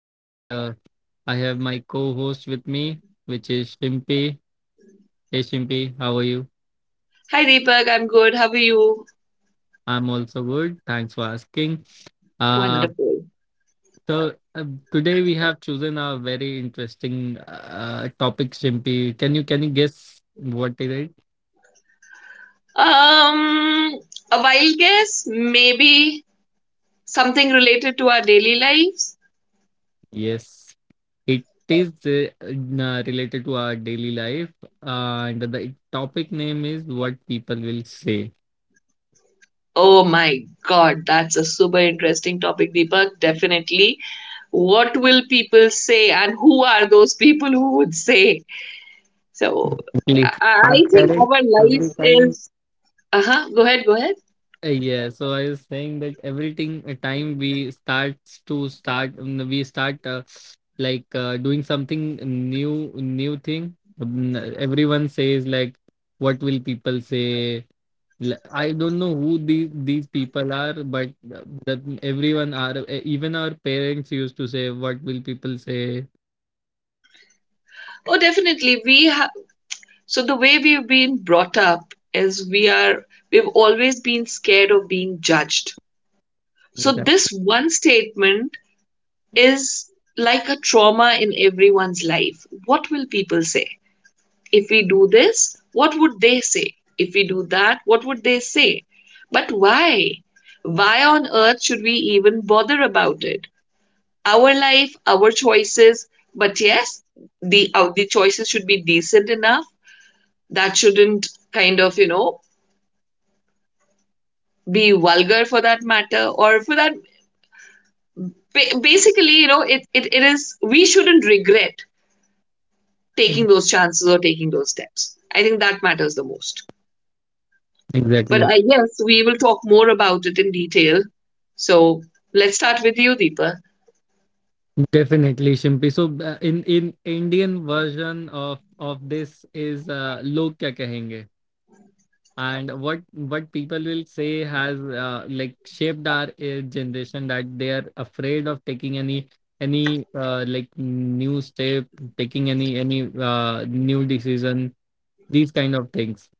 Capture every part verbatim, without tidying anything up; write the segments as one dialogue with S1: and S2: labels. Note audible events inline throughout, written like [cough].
S1: and uh, I have my co host with me, which is Shimpi. Hey Shimpi, how are you?
S2: Hi Deepak, I'm good. How are you?
S1: I'm also good. Thanks for asking. Uh, so, uh, today we have chosen a very interesting uh, topic, Shimpi. Can you can you guess what is it?
S2: Um, a wild guess, maybe something related to our daily lives.
S1: Yes, it is uh, uh, related to our daily life, uh, and the topic name is What People Will Say.
S2: Oh my God, that's a super interesting topic, Deepak. Definitely. What will people say, and who are those people who would say? So,
S1: Definitely.
S2: I, I
S1: Our
S2: think
S1: parents
S2: our life
S1: every time.
S2: is. Uh huh. Go ahead. Go ahead.
S1: Uh, Yeah, so I was saying that everything a time we starts to start um, we start uh, like uh, doing something new new thing. Um, Everyone says like what will people say? L- I don't know who these these people are, but uh, that everyone are uh, even our parents used to say what will people say.
S2: Oh, definitely. We have. So the way we've been brought up is we are. We've always been scared of being judged. So, this
S1: Exactly.
S2: one statement is like a trauma in everyone's life. What will people say? If we do this, what would they say? If we do that, what would they say? But why? Why on earth should we even bother about it? Our life, our choices, but yes, the, uh, the choices should be decent enough. That shouldn't kind of, you know, be vulgar for that matter, or for that ba- basically, you know, it, it, it is, we shouldn't regret taking those chances or taking those steps. I think that matters the most. But
S1: Exactly.
S2: I guess we will talk more about it in detail. So let's start with you, Deepa.
S1: Definitely, Shimpi. So, uh, in in Indian version of of this is uh, "Log Kya Kahenge," and what what people will say has uh, like shaped our uh, generation that they are afraid of taking any any uh, like new step, taking any any uh, new decision, these kind of things.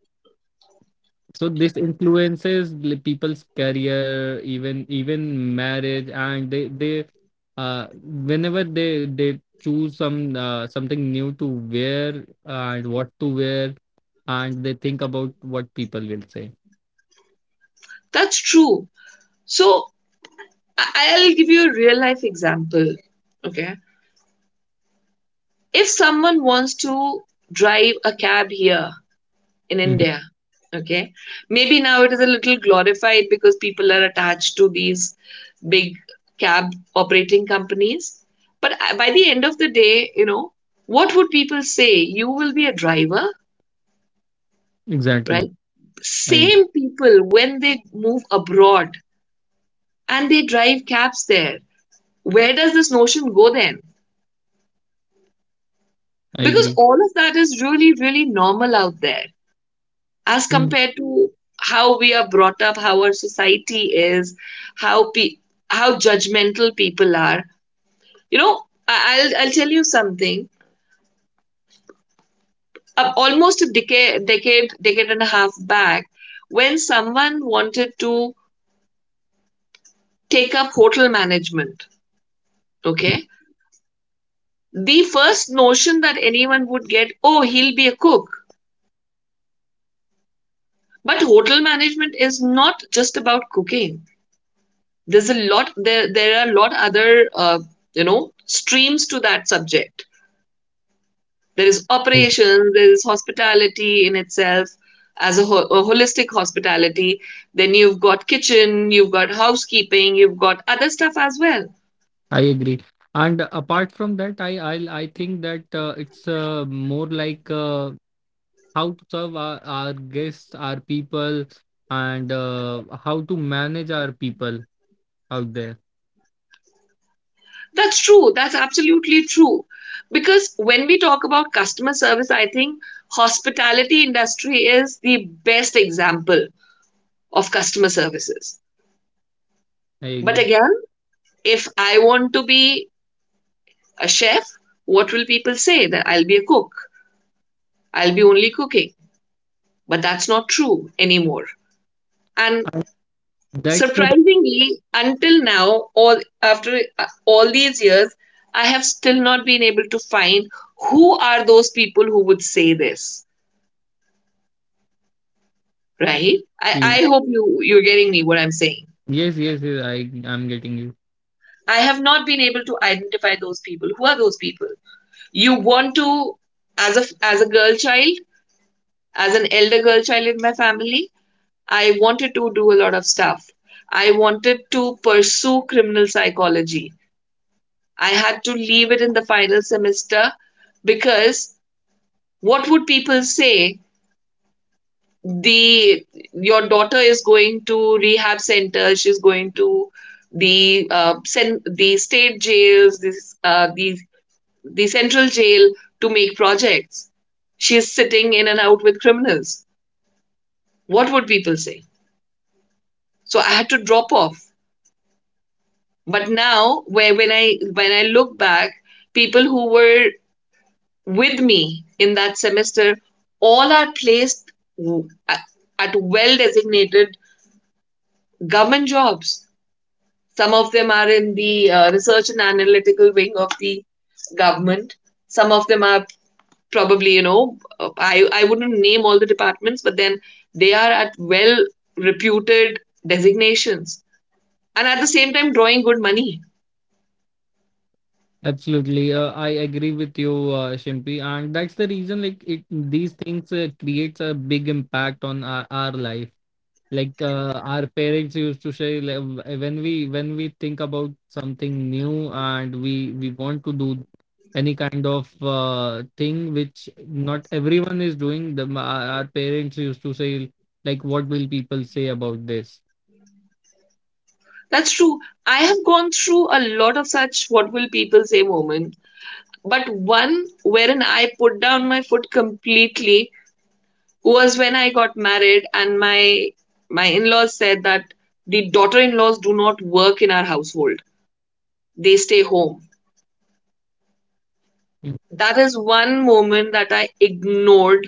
S1: So this influences the people's career, even even marriage, and they they uh whenever they they choose some uh, something new to wear and what to wear, and they think about what people will say.
S2: That's true. So I- I'll give you a real life example. Okay. If someone wants to drive a cab here, in
S1: Mhm.
S2: India. Okay. Maybe now it is a little glorified because people are attached to these big cab operating companies. But uh, by the end of the day, you know, what would people say? You will be a driver,
S1: Exactly,
S2: right?
S1: I
S2: Same people when they move abroad and they drive cabs there. Where does this notion go then?
S1: I
S2: Because
S1: agree.
S2: all of that is really, really normal out there, as
S1: Mm,
S2: compared to how we are brought up, how our society is, how pe- how judgmental people are. You know, I- will I'll tell you something. Uh, almost a decade, decade, decade and a half back, when someone wanted to take up hotel management, okay, the first notion that anyone would get, oh, he'll be a cook. But hotel management is not just about cooking. there's a lot there there are a lot other uh, you know, streams to that subject. There is
S1: I,
S2: operations, there is hospitality in itself, as a ho- a holistic hospitality. Then you've got kitchen, you've got housekeeping, you've got other stuff as well.
S1: I agree. And apart from that, I I I think that uh, it's uh, more like uh, how to serve our, our guests, our people, and uh, how to manage our people out there.
S2: That's true, that's absolutely true, because when we talk about customer service, I think hospitality industry is the best example of customer services.
S1: I
S2: But
S1: agree.
S2: again, if I want to be a chef? What will people say? That I'll be a cook. I'll be only cooking. But that's not true anymore. And
S1: That's the
S2: surprisingly, until now, all after uh, all these years, I have still not been able to find who are those people who would say this, right? I, I hope you, you're getting me what I'm saying.
S1: Yes, yes, yes. I I'm getting you
S2: I have not been able to identify those people. Who are those people? You want to, as a, as a girl child, as an elder girl child in my family, I wanted to do a lot of stuff. I wanted to pursue criminal psychology. I had to leave it in the final semester because what would people say? The Your daughter is going to rehab center. She's going to the uh, sen- the state jails, this uh, the the central jail to make projects. She is sitting in and out with criminals. What would people say? So I had to drop off, but now where when i when i look back, people who were with me in that semester all are placed at, at well designated government jobs. Some of them are in the uh, research and analytical wing of the government. Some of them are probably, you know, i i wouldn't name all the departments, but then they are at well reputed designations and at the same time drawing good money.
S1: absolutely. Uh, I agree with you, uh, Shimpi, and that's the reason. Like it, these things uh, creates a big impact on our, our life like uh, our parents used to say like, w- when we when we think about something new and we we want to do any kind of uh, thing which not everyone is doing. The our our parents used to say like what will people say about this.
S2: That's true. I have gone through a lot of such what will people say moment, but one wherein I put down my foot completely was when I got married and my my in-laws said that the daughter-in-laws do not work in our household. They stay home. That is one moment that I ignored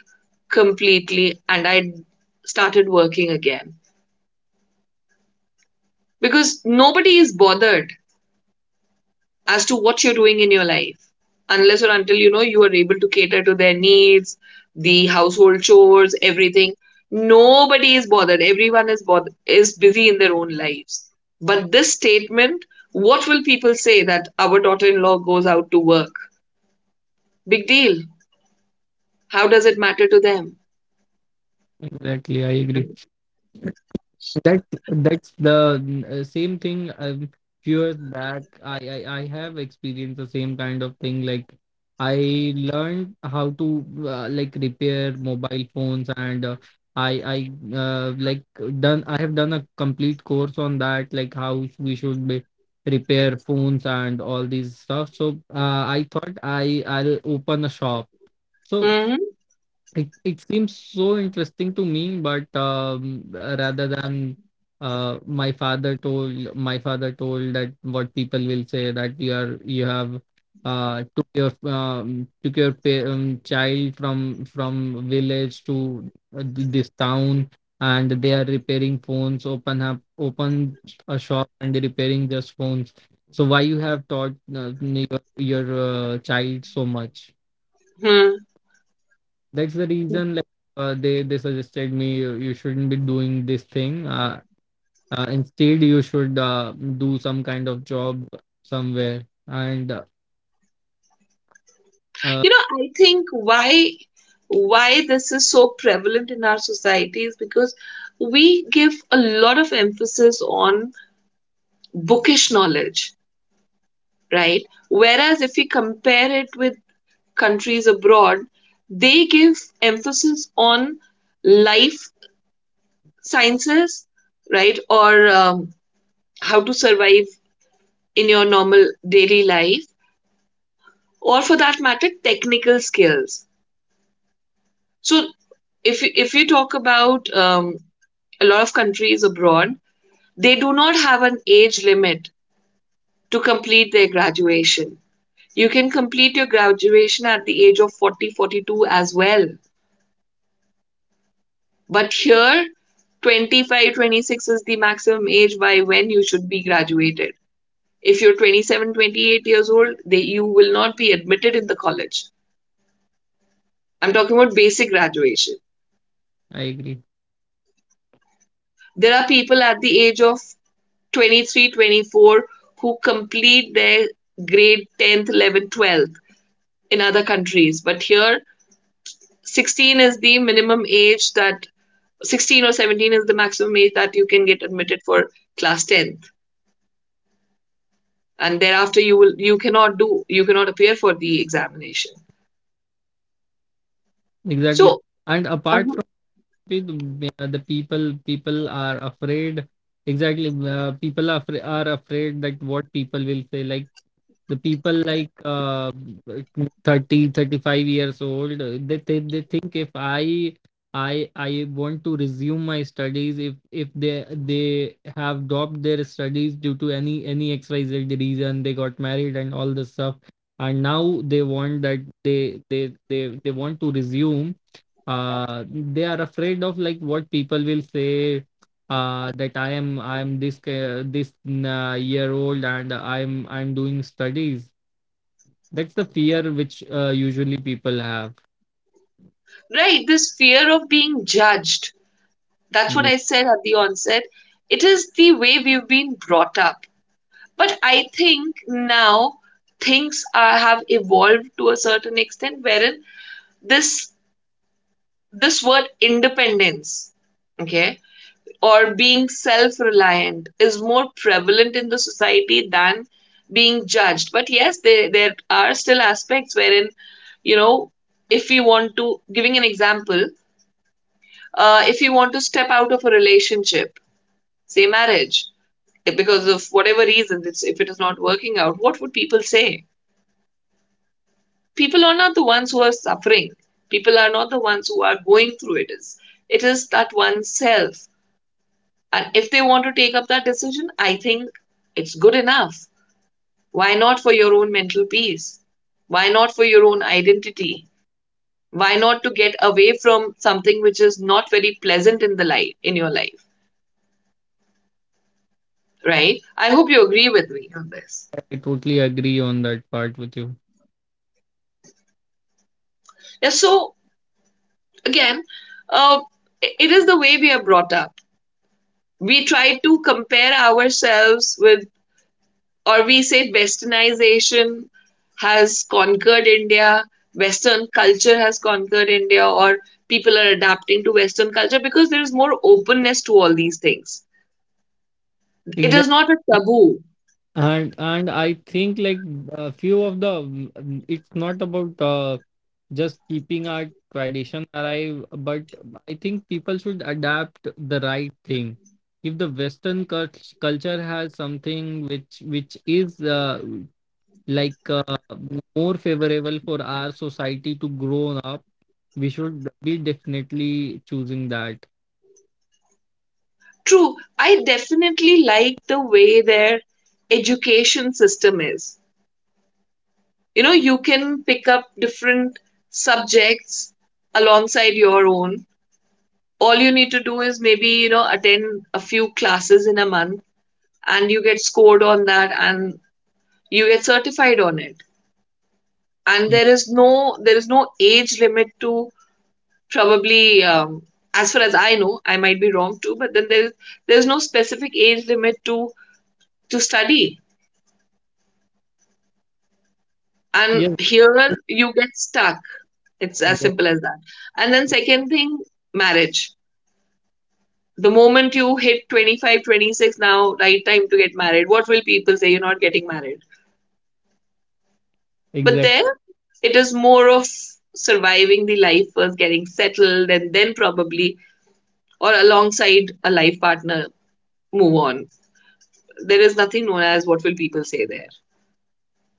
S2: completely, and I started working again because nobody is bothered as to what you're doing in your life, unless or until, you know, you are able to cater to their needs, the household chores, everything. Nobody is bothered. Everyone is bothered is busy in their own lives. But this statement, what will people say that our daughter-in-law goes out to work? Big deal. How does it matter to them?
S1: Exactly, I agree. That that's the uh, same thing. I'm sure that I, I I have experienced the same kind of thing. Like I learned how to uh, like repair mobile phones, and uh, I I uh, like done. I have done a complete course on that, like how we should be repair phones and all these stuff. So uh, I thought I I'll open a shop. So.
S2: Mm-hmm.
S1: It it seems so interesting to me, but um, rather than uh, my father told my father told that what people will say that you are you have uh, took your um, took your pa- um, child from from village to uh, th- this town and they are repairing phones. Open up open a shop and repairing just phones. So why you have taught uh, your your uh, child so much?
S2: Hmm.
S1: That's the reason like uh, they they suggested me you, you shouldn't be doing this thing uh, uh, instead you should uh, do some kind of job somewhere and uh, uh,
S2: You know, I think why why this is so prevalent in our society is because we give a lot of emphasis on bookish knowledge, right? Whereas if we compare it with countries abroad, they give emphasis on life sciences, right? Or um, how to survive in your normal daily life, or for that matter, technical skills. So, if if you talk about um, a lot of countries abroad, they do not have an age limit to complete their graduation. You can complete your graduation at the age of forty, forty-two as well. But here, twenty-five, twenty-six is the maximum age by when you should be graduated. If you're twenty-seven, twenty-eight years old, they, you will not be admitted in the college. I'm talking about basic graduation.
S1: I agree.
S2: There are people at the age of twenty-three, twenty-four who complete their grade tenth, eleventh, twelfth in other countries. But here, sixteen is the minimum age that sixteen or seventeen is the maximum age that you can get admitted for class tenth, and thereafter you will you cannot do you cannot appear for the examination.
S1: Exactly.
S2: So
S1: And apart
S2: um,
S1: from it, the, the people people are afraid. Exactly, uh, people are, afra- are afraid that what people will say, like the people like uh, thirty thirty five years old uh, they, they they think if i i i want to resume my studies. If if they they have dropped their studies due to any any xyz reason, they got married and all this stuff, and now they want that they they they, they want to resume. Uh they are afraid of like what people will say, uh, that I am I'm this ca- this uh, year old and I'm I'm doing studies. That's the fear which uh, usually people have.
S2: right, this fear of being judged, that's what
S1: Yeah,
S2: I said at the onset. It is the way we've been brought up. But I think now things are, have evolved to a certain extent wherein this this word independence, okay, or being self-reliant is more prevalent in the society than being judged. But yes, there, there are still aspects wherein, you know, if we want to giving an example, uh, if you want to step out of a relationship, say marriage, eh, because of whatever reasons it's, if it is not working out, what would people say? People are not the ones who are suffering, people are not the ones who are going through it is it, is that oneself. And if they want to take up that decision, I think it's good enough. Why not for your own mental peace? Why not for your own identity? Why not to get away from something which is not very pleasant in the life in your life, right? I hope you agree with me on this.
S1: I totally agree on that part with you.
S2: Yeah, so again, uh, it is the way we are brought up. We try to compare ourselves with, or we say westernization has conquered India, Western culture has conquered India, or people are adapting to Western culture because there is more openness to all these things. It is
S1: Exactly.
S2: not a taboo.
S1: And and I think like a few of the mm, it's not about uh, just keeping our tradition alive, but I think people should adapt the right thing. If the Western cult- culture has something which which is uh, like uh, more favorable for our society to grow up, we should be definitely choosing that.
S2: True, I definitely like the way their education system is. You know, you can pick up different subjects alongside your own. All you need to do is maybe, you know, attend a few classes in a month, and you get scored on that, and you get certified on it, and
S1: Mm.
S2: there is no, there is no age limit to probably um, as far as I know, I might be wrong too, but then there is, there's no specific age limit to to study. And
S1: Yes,
S2: here you get stuck, it's as
S1: yes,
S2: simple as that. And then second thing, marriage. The moment you hit twenty five, twenty six, now right time to get married, what will people say, you're not getting married? But
S1: exactly.
S2: there, it is more of surviving the life first, getting settled, and then probably, or alongside a life partner, move on. There is nothing known as what will people say there.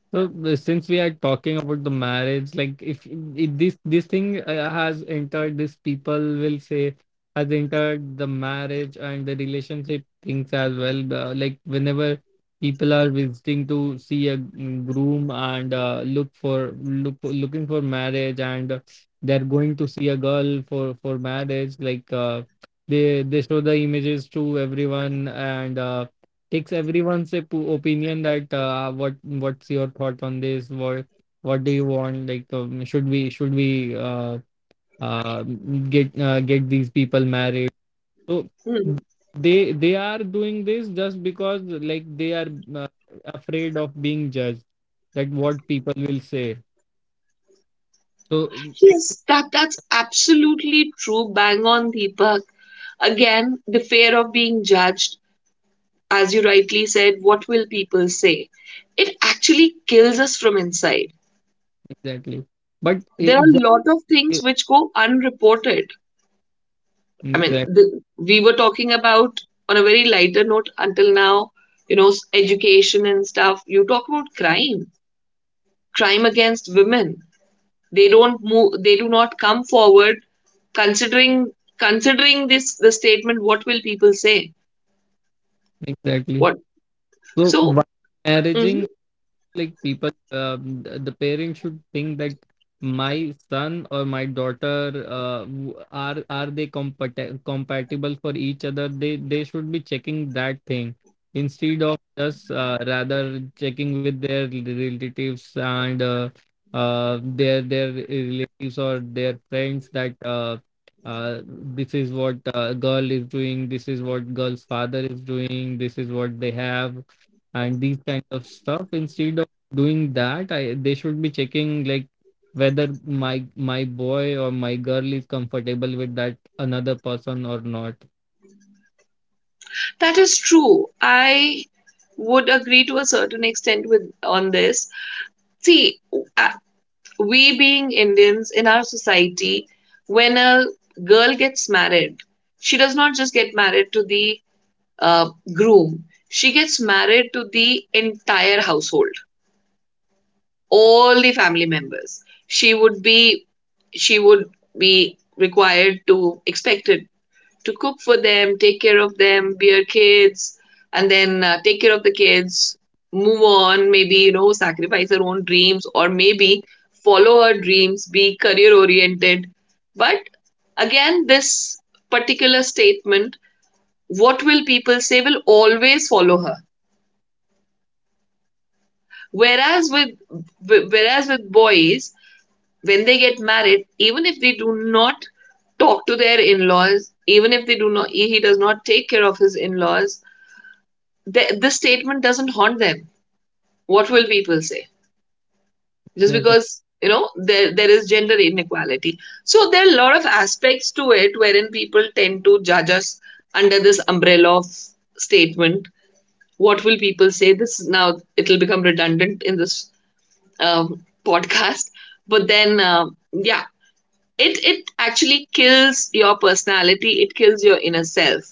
S1: So the- since we are talking about the marriage, like if, if this this thing uh, has entered, this people will say has entered the marriage and the relationship things as well. Uh, like whenever people are visiting to see a groom and uh, look for look for, looking for marriage and uh, they're going to see a girl for for marriage, like uh, they they show the images to everyone, and. Uh, takes everyone's op- opinion that uh, what what's your thought on this, what what do you want, like um, should we should we uh, uh, get uh, get these people married, so
S2: Hmm.
S1: they they are doing this just because like they are uh, afraid of being judged that what people will say. So
S2: Yes, that that's absolutely true. Bang on, Deepak. Again, the fear of being judged, as you rightly said, what will people say? It actually kills us from inside.
S1: exactly. But
S2: There are
S1: exactly.
S2: a lot of things which go unreported. I mean,
S1: Exactly,
S2: the, we were talking about on a very lighter note until now, you know, s- education and stuff. You talk about crime, crime against women. They don't move. They do not come forward. Considering Considering this the statement, what will people say?
S1: exactly.
S2: What
S1: So why
S2: so
S1: marrying,
S2: mhm,
S1: like people um, th- the parents should think that my son or my daughter uh, w- are are they compat- compatible for each other? They they should be checking that thing, instead of just uh, rather checking with their relatives and uh, uh, their their relatives or their friends that uh, uh, this is what uh, girl is doing, this is what girl's father is doing, this is what they have, and these kind of stuff. Instead doing that, I they should be checking like whether my my boy or my girl is comfortable with that another person or not.
S2: that is true. I would agree to a certain extent with on this. See, I, we being Indians in our society, when a girl gets married, she does not just get married to the uh, groom, she gets married to the entire household, all the family members. She would be she would be required to expected to cook for them, take care of them, be your kids, and then uh, take care of the kids, move on, maybe, you know, sacrifice her own dreams or maybe follow her dreams, be career oriented. But again, this particular statement, what will people say, will always follow her. Whereas with whereas with boys, when they get married, even if they do not talk to their in-laws, even if they do not he does not take care of his in-laws, th- this statement doesn't haunt them. What will people say? Just
S1: Exactly,
S2: because you know there there is gender inequality, so there are a lot of aspects to it wherein people tend to judge us under this umbrella of statement. What will people say? This now it'll become redundant in this um, podcast, but then um, yeah, it it actually kills your personality. It kills your inner self,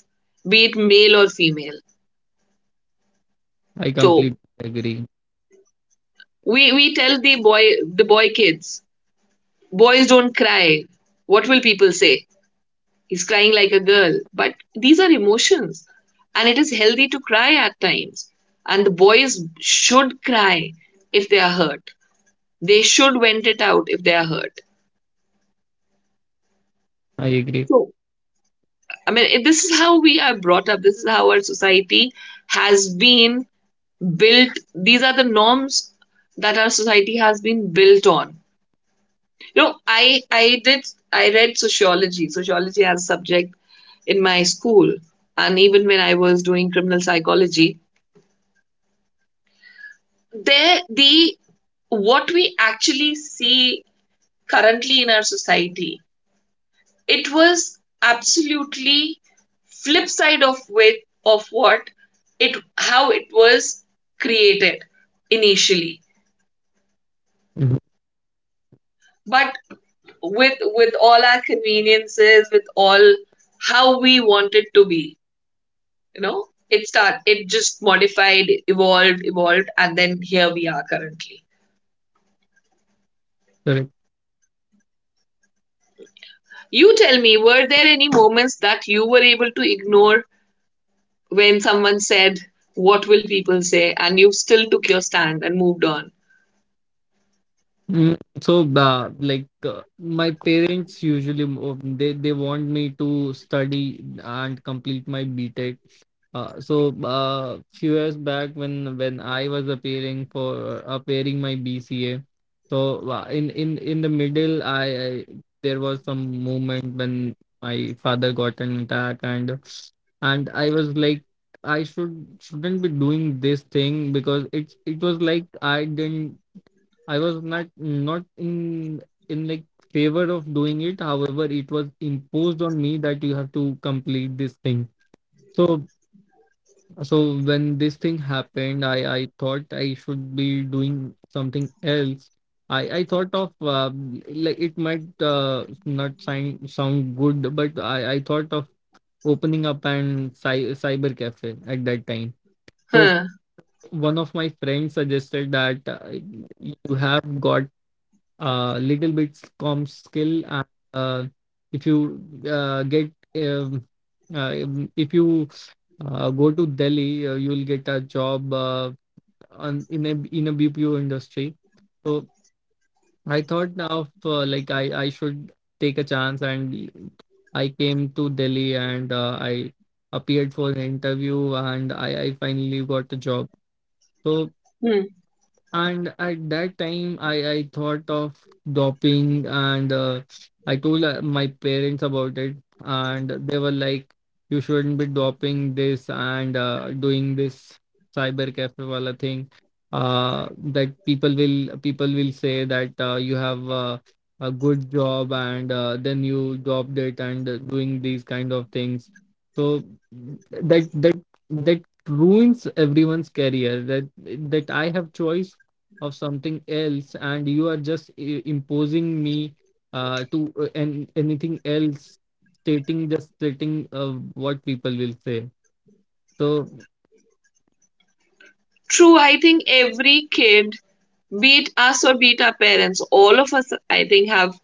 S2: be it male or female.
S1: I
S2: So
S1: completely agree.
S2: we we tell the boy the boy kids. Boys don't cry. What will people say? He's crying like a girl. But these are emotions. And it is healthy to cry at times. And the boys should cry if they are hurt. They should vent it out if they are hurt.
S1: I agree.
S2: So, I mean, it- this is how we are brought up. This is how our society has been built. These are the norms that our society has been built on. You know, I I did I read sociology. Sociology as a subject in my school, and even when I was doing criminal psychology, there the what we actually see currently in our society, it was absolutely flip side of with of what it how it was created initially.
S1: Mhm.
S2: But with with all our conveniences, with all how we want it to be, you know it start it just modified evolved evolved and then here we are currently.
S1: Correct.
S2: You tell me, were there any moments that you were able to ignore when someone said what will people say and you still took your stand and moved on?
S1: Mm, So, uh, like uh, my parents usually mo- they they want me to study and complete my B tech. Uh, so, uh, few years back when when I was appearing for uh, appearing my B C A, so uh, in in in the middle, I, I there was some moment when my father got an attack, and and I was like I should shouldn't be doing this thing because it's it was like I didn't. I was not not in in like favor of doing it. However, it was imposed on me that you have to complete this thing. So so when this thing happened, I I thought I should be doing something else. I I thought of uh, like it might uh, not sound sound good, but I I thought of opening up an cy cyber cafe at that time. So
S2: Huh.
S1: one of my friends suggested that uh, you have got uh, little bit com skill and uh, if you uh, get um, uh, um, if you uh, go to Delhi, uh, you'll get a job uh, on, in a in a B P O industry. So I thought of uh, like I I should take a chance, and I came to Delhi and uh, I appeared for an interview, and I I finally got the job. So
S2: Hmm.
S1: and at that time i i thought of doping, and uh, I told uh, my parents about it, and they were like, you shouldn't be doping this, and uh, doing this cyber cafe wala thing, uh that people will people will say that uh, you have uh, a good job, and uh, then you dropped it, and uh, doing these kind of things. So that that that ruins everyone's career, that that i have choice of something else, and you are just i- imposing me, uh, to uh, and anything else, stating just stating uh, what people will say. So
S2: True, I think every kid, be it us or be it our parents, all of us, I think, have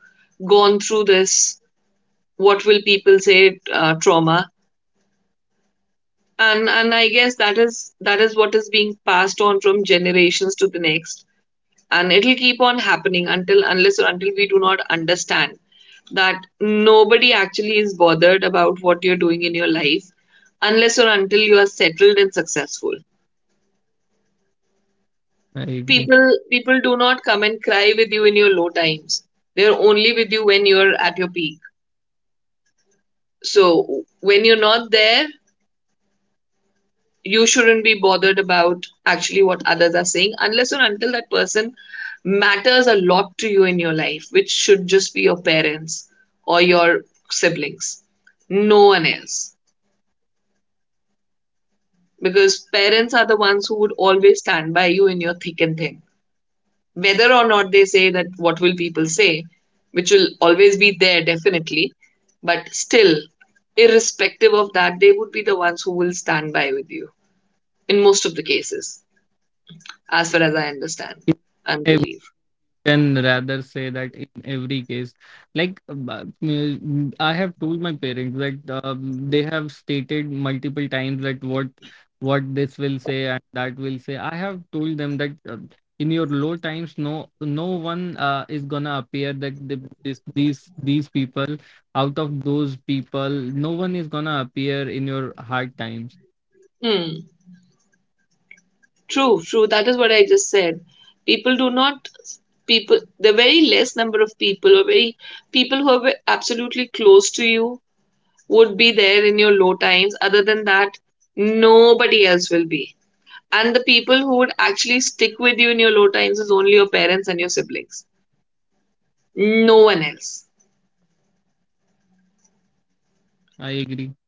S2: gone through this what will people say uh, trauma. And and I guess that is that is what is being passed on from generations to the next, and it'll keep on happening until unless or until we do not understand that nobody actually is bothered about what you're doing in your life unless or until you are settled and successful.
S1: I agree.
S2: People people do not come and cry with you in your low times. They're only with you when you're at your peak. So when you're not there, you shouldn't be bothered about actually what others are saying unless or until that person matters a lot to you in your life, which should just be your parents or your siblings, no one else. Because parents are the ones who would always stand by you in your thick and thin. Whether or not they say that what will people say, which will always be there definitely, but still, irrespective of that, they would be the ones who will stand by with you in most of the cases, as far as I understand and believe.
S1: Can rather say that in every case, like uh, I have told my parents that um, they have stated multiple times that what what this will say and that will say. I have told them that uh, in your low times, no, no one uh, is gonna appear, that the, this these these people, out of those people, no one is gonna appear in your hard times.
S2: Hmm. True, true. That is what I just said. People do not people. The very less number of people, or very people who are absolutely close to you, would be there in your low times. Other than that, nobody else will be. And the people who would actually stick with you in your low times is only your parents and your siblings. No one else.
S1: I agree.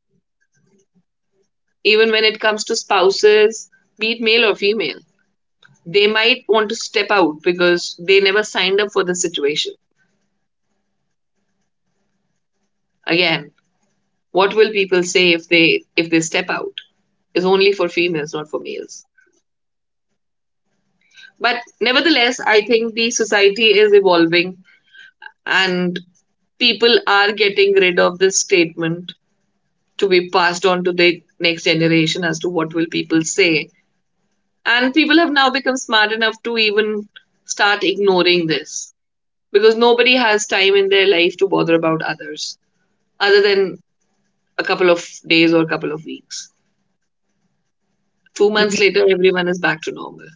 S2: Even when it comes to spouses, be it male or female, they might want to step out because they never signed up for the situation. Again, what will people say if they if they step out? It's only for females, not for males. But nevertheless, I think the society is evolving and people are getting rid of this statement to be passed on to the next generation as to what will people say. And people have now become smart enough to even start ignoring this because nobody has time in their life to bother about others other than a couple of days or a couple of weeks. Two months
S1: Yes,
S2: later, everyone is back to normal.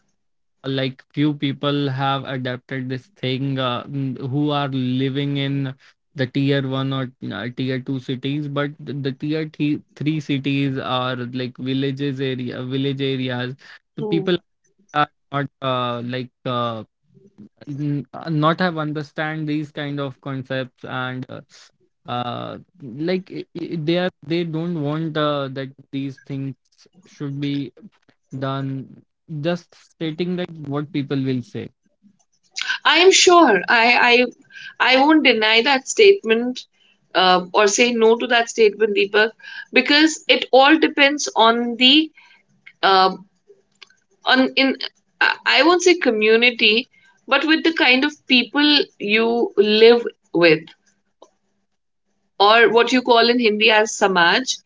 S1: like few people have adapted this thing uh, n- who are living in the, tier one or uh, tier two cities, but the, the tier th- three cities are like villages area village areas, the people
S2: Hmm.
S1: are not uh, like uh, n- uh, not have understand these kind of concepts, and uh, uh like i- i- they are they don't want uh, that these things should be done, just stating that what people will say.
S2: I am sure. I I, I won't deny that statement uh, or say no to that statement, Deepak, because it all depends on the uh, on in I I won't say community, but with the kind of people you live with, or what you call in Hindi as samaj,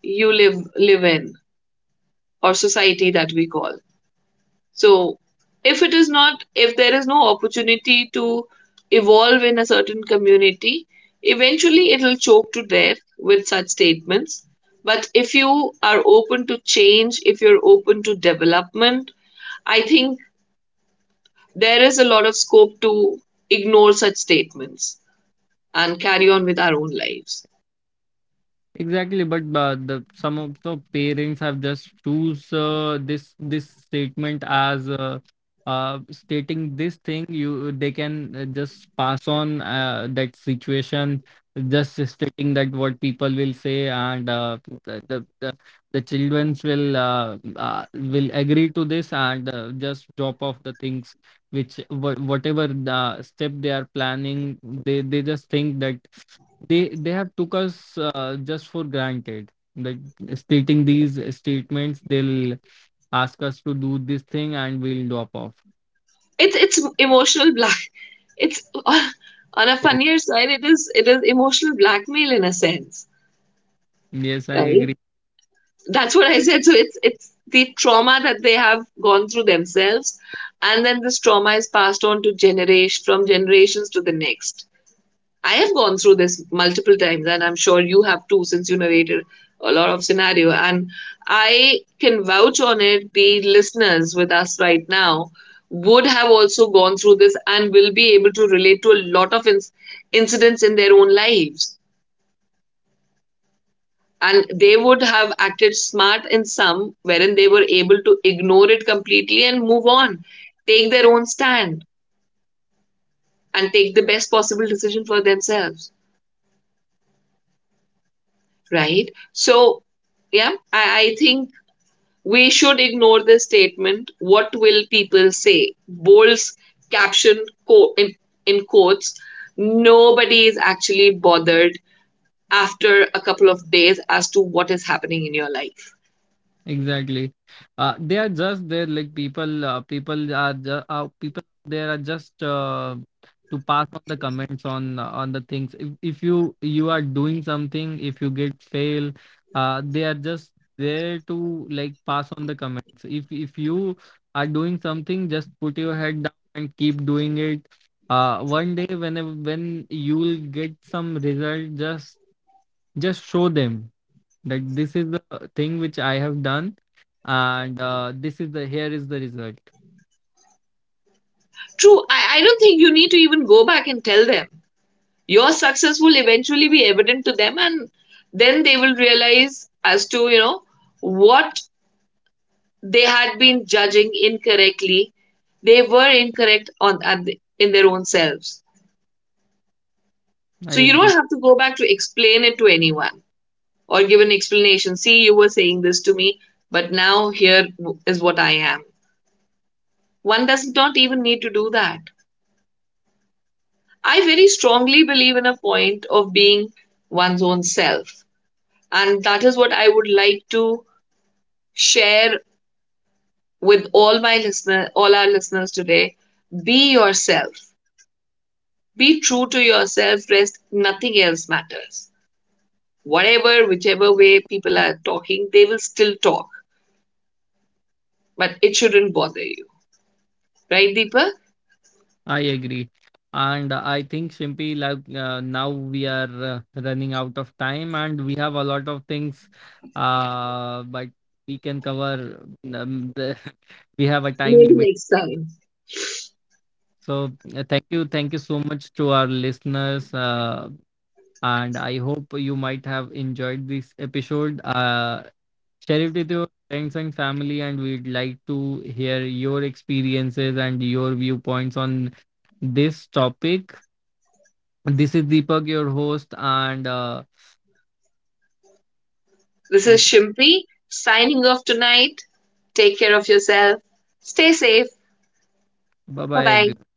S2: you live live in, or society that we call. So, if it is not, if there is no opportunity to evolve in a certain community, eventually it will choke to death with such statements. But if you are open to change, if you're open to development, I think there is a lot of scope to ignore such statements and carry on with our own lives.
S1: Exactly, but uh, the some of the parents have just choose uh, this this statement as uh, uh, stating this thing. You They can uh, just pass on uh, that situation, just stating that what people will say, and uh, the the the, the childrens will uh, uh, will agree to this, and uh, just drop off the things which wha- whatever the step they are planning, they they just think that they they have took us uh, just for granted, like stating these statements, they'll ask us to do this thing and we'll drop off.
S2: It's it's emotional black. It's [laughs] on a
S1: Yes,
S2: funnier side. It is it is emotional blackmail in a sense,
S1: yes.
S2: right?
S1: I.
S2: That's what I said. So it's it's the trauma that they have gone through themselves, and then this trauma is passed on to generation from generations to the next. I have gone through this multiple times, and I'm sure you have too, since you narrated a lot of scenario. And I can vouch on it. The listeners with us right now would have also gone through this and will be able to relate to a lot of inc- incidents in their own lives, and they would have acted smart in some wherein they were able to ignore it completely and move on, take their own stand, and take the best possible decision for themselves, right? So yeah, i, I think we should ignore this statement what will people say bold's caption co- in, in quotes. Nobody is actually bothered after a couple of days as to what is happening in your life.
S1: Exactly. Uh, they are just there, like people. Uh, people are just uh, people. There are just uh, to pass on the comments on uh, on the things. If if you you are doing something, if you get fail, uh, they are just there to like pass on the comments. If if you are doing something, just put your head down and keep doing it. Uh, one day when when you'll get some result, just just show them that this is the thing which I have done, and uh, this is the here is the result.
S2: True, I, I don't think you need to even go back and tell them. Your success will eventually be evident to them, and then they will realize as to, you know, what they had been judging incorrectly. They were incorrect on at the, in their own selves.
S1: I
S2: So you don't
S1: agree.
S2: have to go back to explain it to anyone or give an explanation. See, you were saying this to me, but now here is what I am. One does not even need to do that. I very strongly believe in a point of being one's own self. And that is what I would like to share with all my listeners, all our listeners today. Be yourself. Be true to yourself. Rest nothing else matters. Whatever, whichever way people are talking, they will still talk. But it shouldn't bother you. Right, Deepa?
S1: I agree, and uh, I think Shimpi, like uh, now we are uh, running out of time, and we have a lot of things, uh, but we can cover. Um, the, [laughs] we have a time
S2: Maybe
S1: limit.
S2: next time.
S1: So uh, thank you, thank you so much to our listeners, uh, and I hope you might have enjoyed this episode. Uh, Sharif, with your friends and family, and we'd like to hear your experiences and your viewpoints on this topic. This is Deepak, your host, and uh,
S2: This is
S1: with
S2: Shimpi signing off tonight. Take care of yourself. Stay safe.
S1: bye
S2: Bye
S1: bye
S2: bye.
S1: everyone.